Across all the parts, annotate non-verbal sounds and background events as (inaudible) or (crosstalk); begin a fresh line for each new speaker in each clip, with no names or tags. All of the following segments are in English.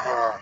Uh,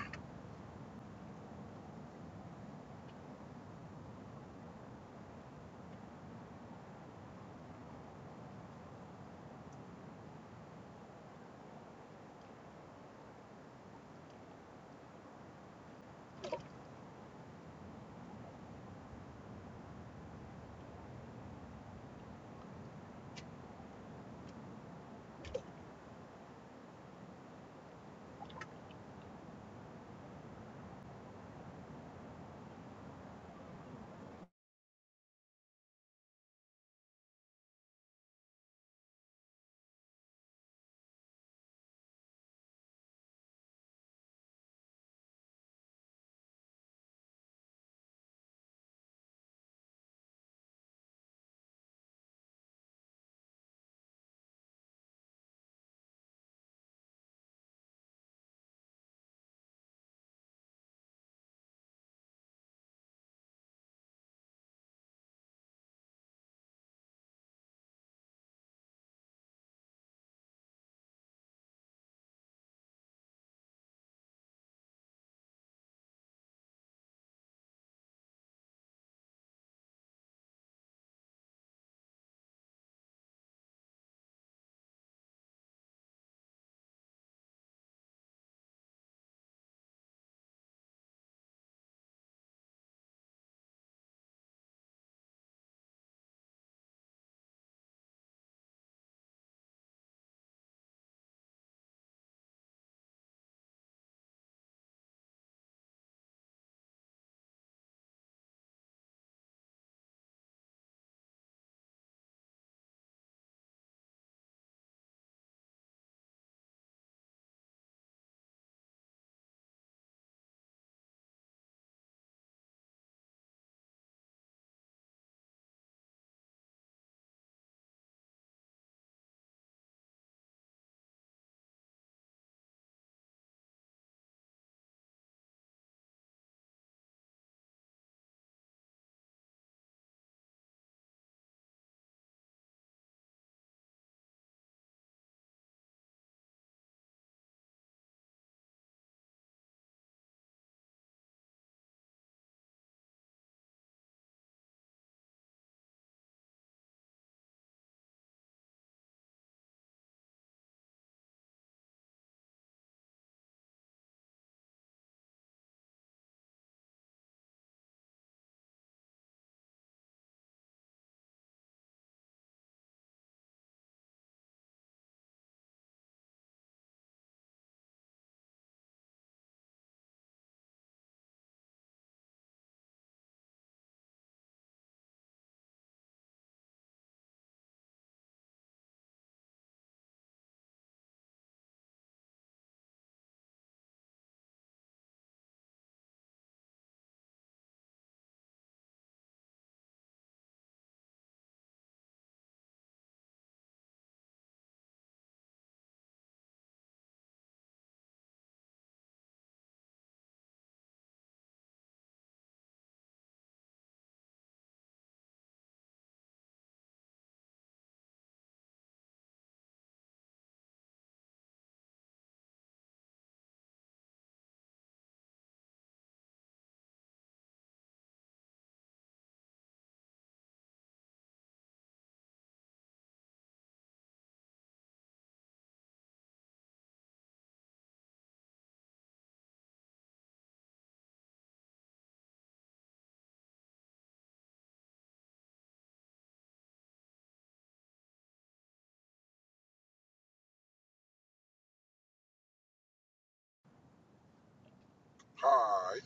Hi,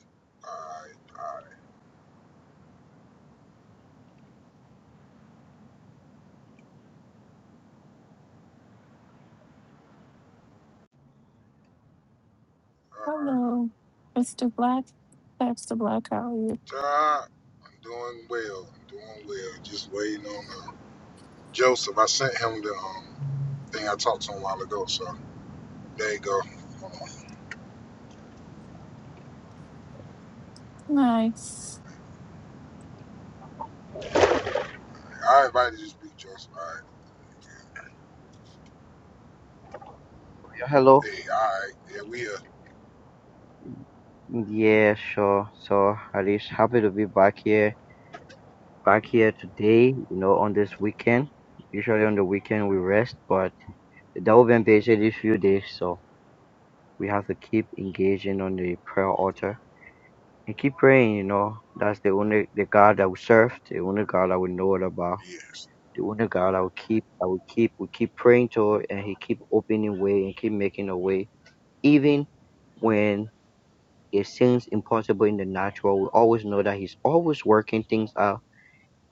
hi, hi, hi,
Hello, Mr. Black, Pastor Black, how are you?
Todd, I'm doing well. I'm doing well. Just waiting on uh, Joseph. I sent him the um, thing I talked to him a while ago, so there you go.
Nice.
I invited you to speak, Joseph. Alright.
Yeah, hello.
Hey, alright. Yeah, we are.
Yeah, sure. So Harish, happy to be back here, back here today, you know, on this weekend. Usually on the weekend we rest, but that the Open busy these few days, so we have to keep engaging on the prayer altar and keep praying, you know. That's the only the God that we serve, the only God that we know all about,
Yes.
the only God that we keep that we keep we keep praying to and he keep opening way and keep making a way. Even when It seems impossible in the natural. We always know that he's always working things out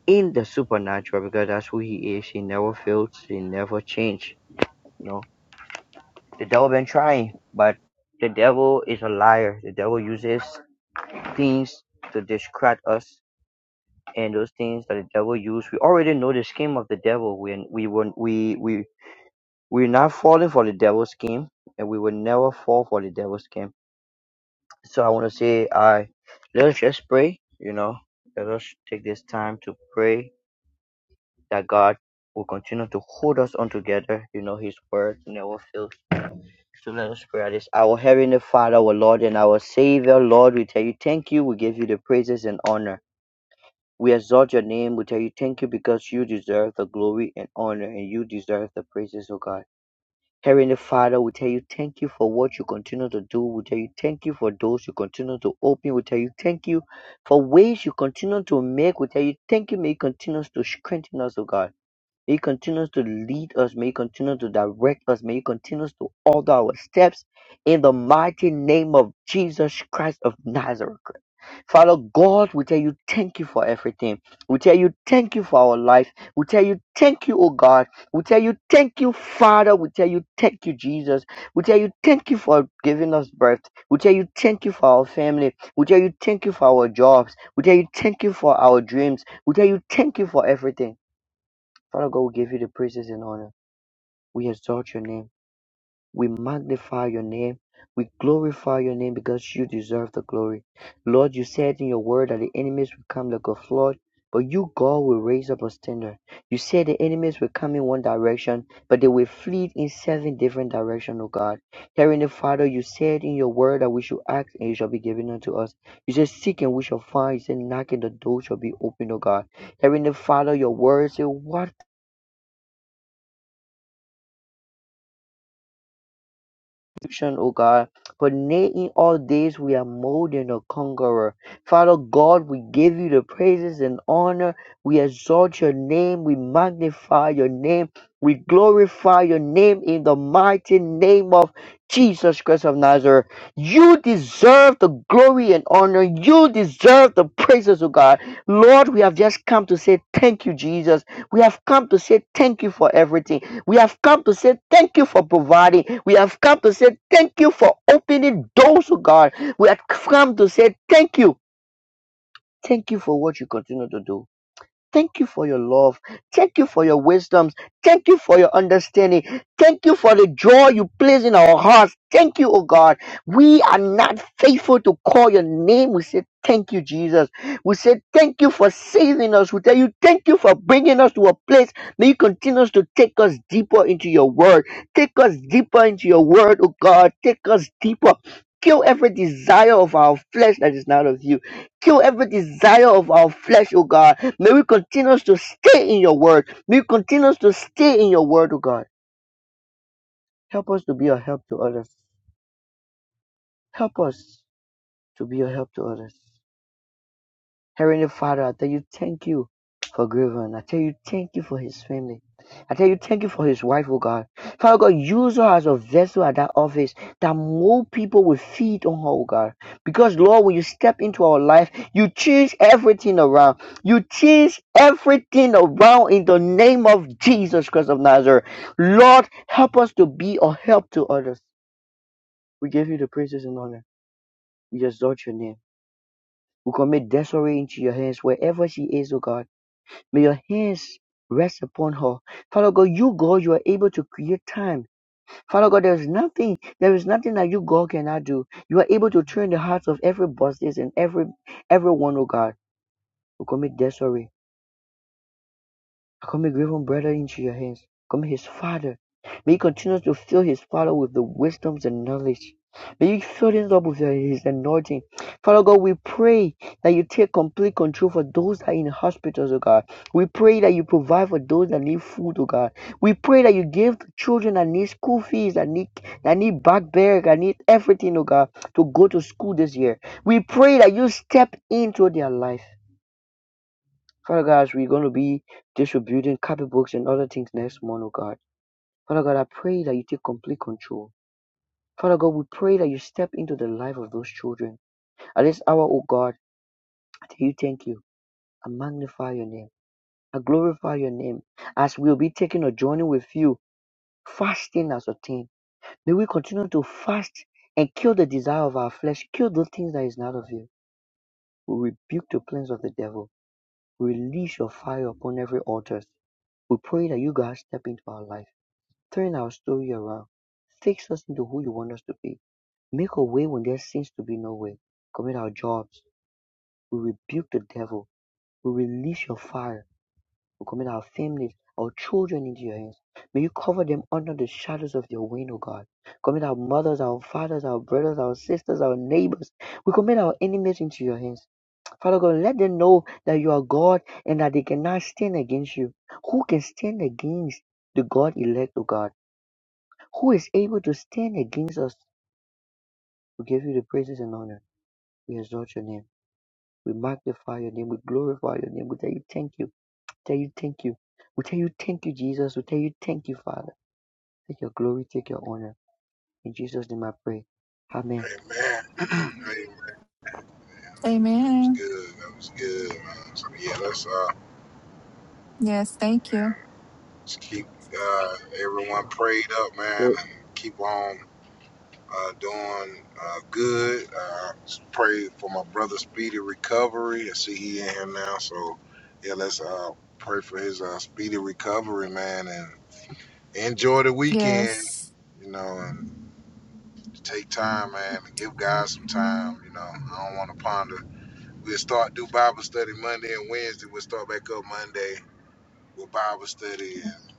in the supernatural because that's who he is. He never fails. He never changes. You know, the devil been trying, but the devil is a liar. The devil uses things to distract us, and those things that the devil uses, we already know the scheme of the devil. When we won't- we we we're not falling for the devil's scheme, and we will never fall for the devil's scheme So I want to say, I let us just pray. You know, let us take this time to pray that God will continue to hold us on together. You know, His word never fails. So let us pray at this. Our heavenly Father, our Lord, and our Savior, Lord, we tell you thank you. We give you the praises and honor. We exalt your name. We tell you thank you because you deserve the glory and honor, and you deserve the praises, O God. Heavenly Father, we tell you thank you for what you continue to do. We tell you thank you for doors you continue to open. We tell you thank you for ways you continue to make. We tell you thank you. May you continue to strengthen us, O God. May you continue to lead us. May you continue to direct us. May you continue to order our steps in the mighty name of Jesus Christ of Nazareth. Father God, we tell you thank you for everything. We tell you thank you for our life. We tell you thank you, oh God. We tell you thank you, Father. We tell you thank you, Jesus. We tell you thank you for giving us birth. We tell you thank you for our family. We tell you thank you for our jobs. We tell you thank you for our dreams. We tell you thank you for everything. Father God, we give you the praises and honor. We exalt your name. We magnify your name. We glorify your name because you deserve the glory. Lord, you said in your word that the enemies will come like a flood, but you, God, will raise up a standard. You said the enemies will come in one direction, but they will flee in seven different directions, O God. Heavenly Father, you said in your word that we should ask and it shall be given unto us. You said seek and we shall find. You said knock and the door shall be opened, O God. Heavenly Father, your word said, What salvation, O God. For nay, in all days we are more than a conqueror. Father God, we give you the praises and honor. We exalt your name. We magnify your name. We glorify your name in the mighty name of Jesus Christ of Nazareth. You deserve the glory and honor. You deserve the praises, O God. Lord, we have just come to say thank you, Jesus. We have come to say thank you for everything. We have come to say thank you for providing. We have come to say thank you for opening doors, oh God. We have come to say thank you. Thank you for what you continue to do. Thank you for your love. Thank you for your wisdoms. Thank you for your understanding. Thank you for the joy you place in our hearts. Thank you, oh God. We are not faithful to call your name. We say, Thank you, Jesus. We say, Thank you for saving us. We tell you, Thank you for bringing us to a place. May you continue to take us deeper into your word. Take us deeper into your word, oh God. Take us deeper. Kill every desire of our flesh that is not of you. Kill every desire of our flesh, oh God May we continue to stay in your word. May we continue to stay in your word, O God. Help us to be a help to others. Help us to be a help to others. Heavenly Father, I tell you, thank you for Griffin. I tell you, thank you for his family. I tell you, thank you for his wife, oh God. Father God, use her as a vessel at that office that more people will feed on her, oh God. Because, Lord, when you step into our life, you change everything around. You change everything around in the name of Jesus Christ of Nazareth. Lord, help us to be a help to others. We give you the praises and honor. We exalt your name. We commit Desiree into your hands wherever she is, oh God. May your hands rest upon her. Father God, you God, you are able to create time. Father God, there is nothing, there is nothing that you God cannot do. You are able to turn the hearts of every bosses and every everyone, oh God, who commit their sorry. Come, Becoming even brother, into your hands, becoming his father. May you continue to fill his father with the wisdoms and knowledge. May you fill him up with your- his anointing. Father God, we pray that you take complete control for those that are in hospitals, oh God. We pray that you provide for those that need food, oh God. We pray that you give the children that need school fees, that need that need backpack, that need everything, oh God, to go to school this year. We pray that you step into their life. Father God, as we're going to be distributing copybooks and other things next month, oh God. Father God, I pray that you take complete control. Father God, we pray that you step into the life of those children. At this hour, oh God, I tell you thank you. I magnify your name. I glorify your name. As we'll be taking a journey with you, fasting as a team. May we continue to fast and kill the desire of our flesh, kill those things that is not of you. We rebuke the plans of the devil. Release your fire upon every altar. We pray that you guys step into our life. Turn our story around. Fix us into who you want us to be. Make a way when there seems to be no way. Commit our jobs. We rebuke the devil. We release your fire. We commit our families, our children into your hands. May you cover them under the shadows of your wing, O God. Commit our mothers, our fathers, our brothers, our sisters, our neighbors. We commit our enemies into your hands. Father God, let them know that you are God and that they cannot stand against you. Who can stand against the God elect, O God? Who is able to stand against us? We give you the praises and honor. We exalt your name. We magnify your name. We glorify your name. We tell you thank you. Tell you thank you. We tell you thank you, Jesus. We tell you thank you, Father. Take your glory, take your honor. In Jesus' name I pray. Amen.
Amen. (clears throat) Amen. Man, that was, that was
Amen.
good. That was good, man. So yeah, let's uh,
Yes, thank you.
just keep uh, everyone
Sure.
prayed up, man,
So,
and keep on. uh, doing uh, good. Uh, pray for my brother's speedy recovery. I see he in here now, so yeah, let's uh, pray for his uh, speedy recovery, man, and enjoy the weekend.
Yes.
You know, and take time, man, and give God some time. You know, I don't want to ponder. We'll start do Bible study Monday and Wednesday. We'll start back up Monday with Bible study and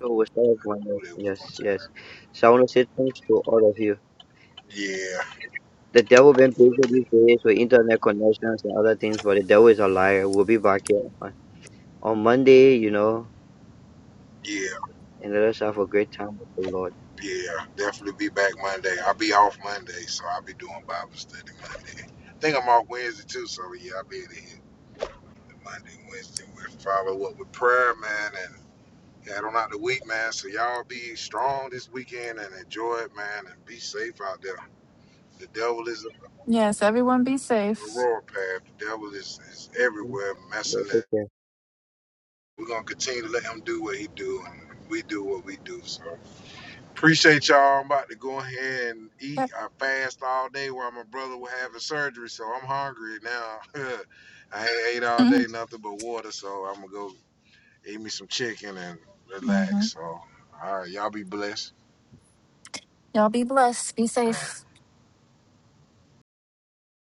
so we start one
who they was going
Yes,
to.
yes. So I want to say thanks to all of you.
Yeah,
The devil been busy these days with internet connections and other things, but the devil is a liar. We'll be back here on, on Monday, you know,
yeah.
and let us have a great time with the Lord.
Yeah, definitely be back Monday. I'll be off Monday, so I'll be doing Bible study Monday. I think I'm off Wednesday too, so yeah, I'll be there Monday, Wednesday. We'll follow up with prayer, man, and head on out the week, man. So y'all be strong this weekend and enjoy it, man, and be safe out there. The devil is on
Yes, everyone be
the
safe.
royal path. The devil is, is
Okay.
everywhere
Yeah,
messing
take
up.
care.
We're gonna continue to let him do what he do and we do what we do. So. Appreciate y'all. I'm about to go ahead and eat.
Yep.
I fast all day while my brother was having surgery, so I'm hungry now. (laughs) I ain't ate all
hmm
day nothing but water, so I'm gonna go eat me some chicken and relax. So, all right, y'all be blessed.
Y'all be blessed. Be
All right.
safe.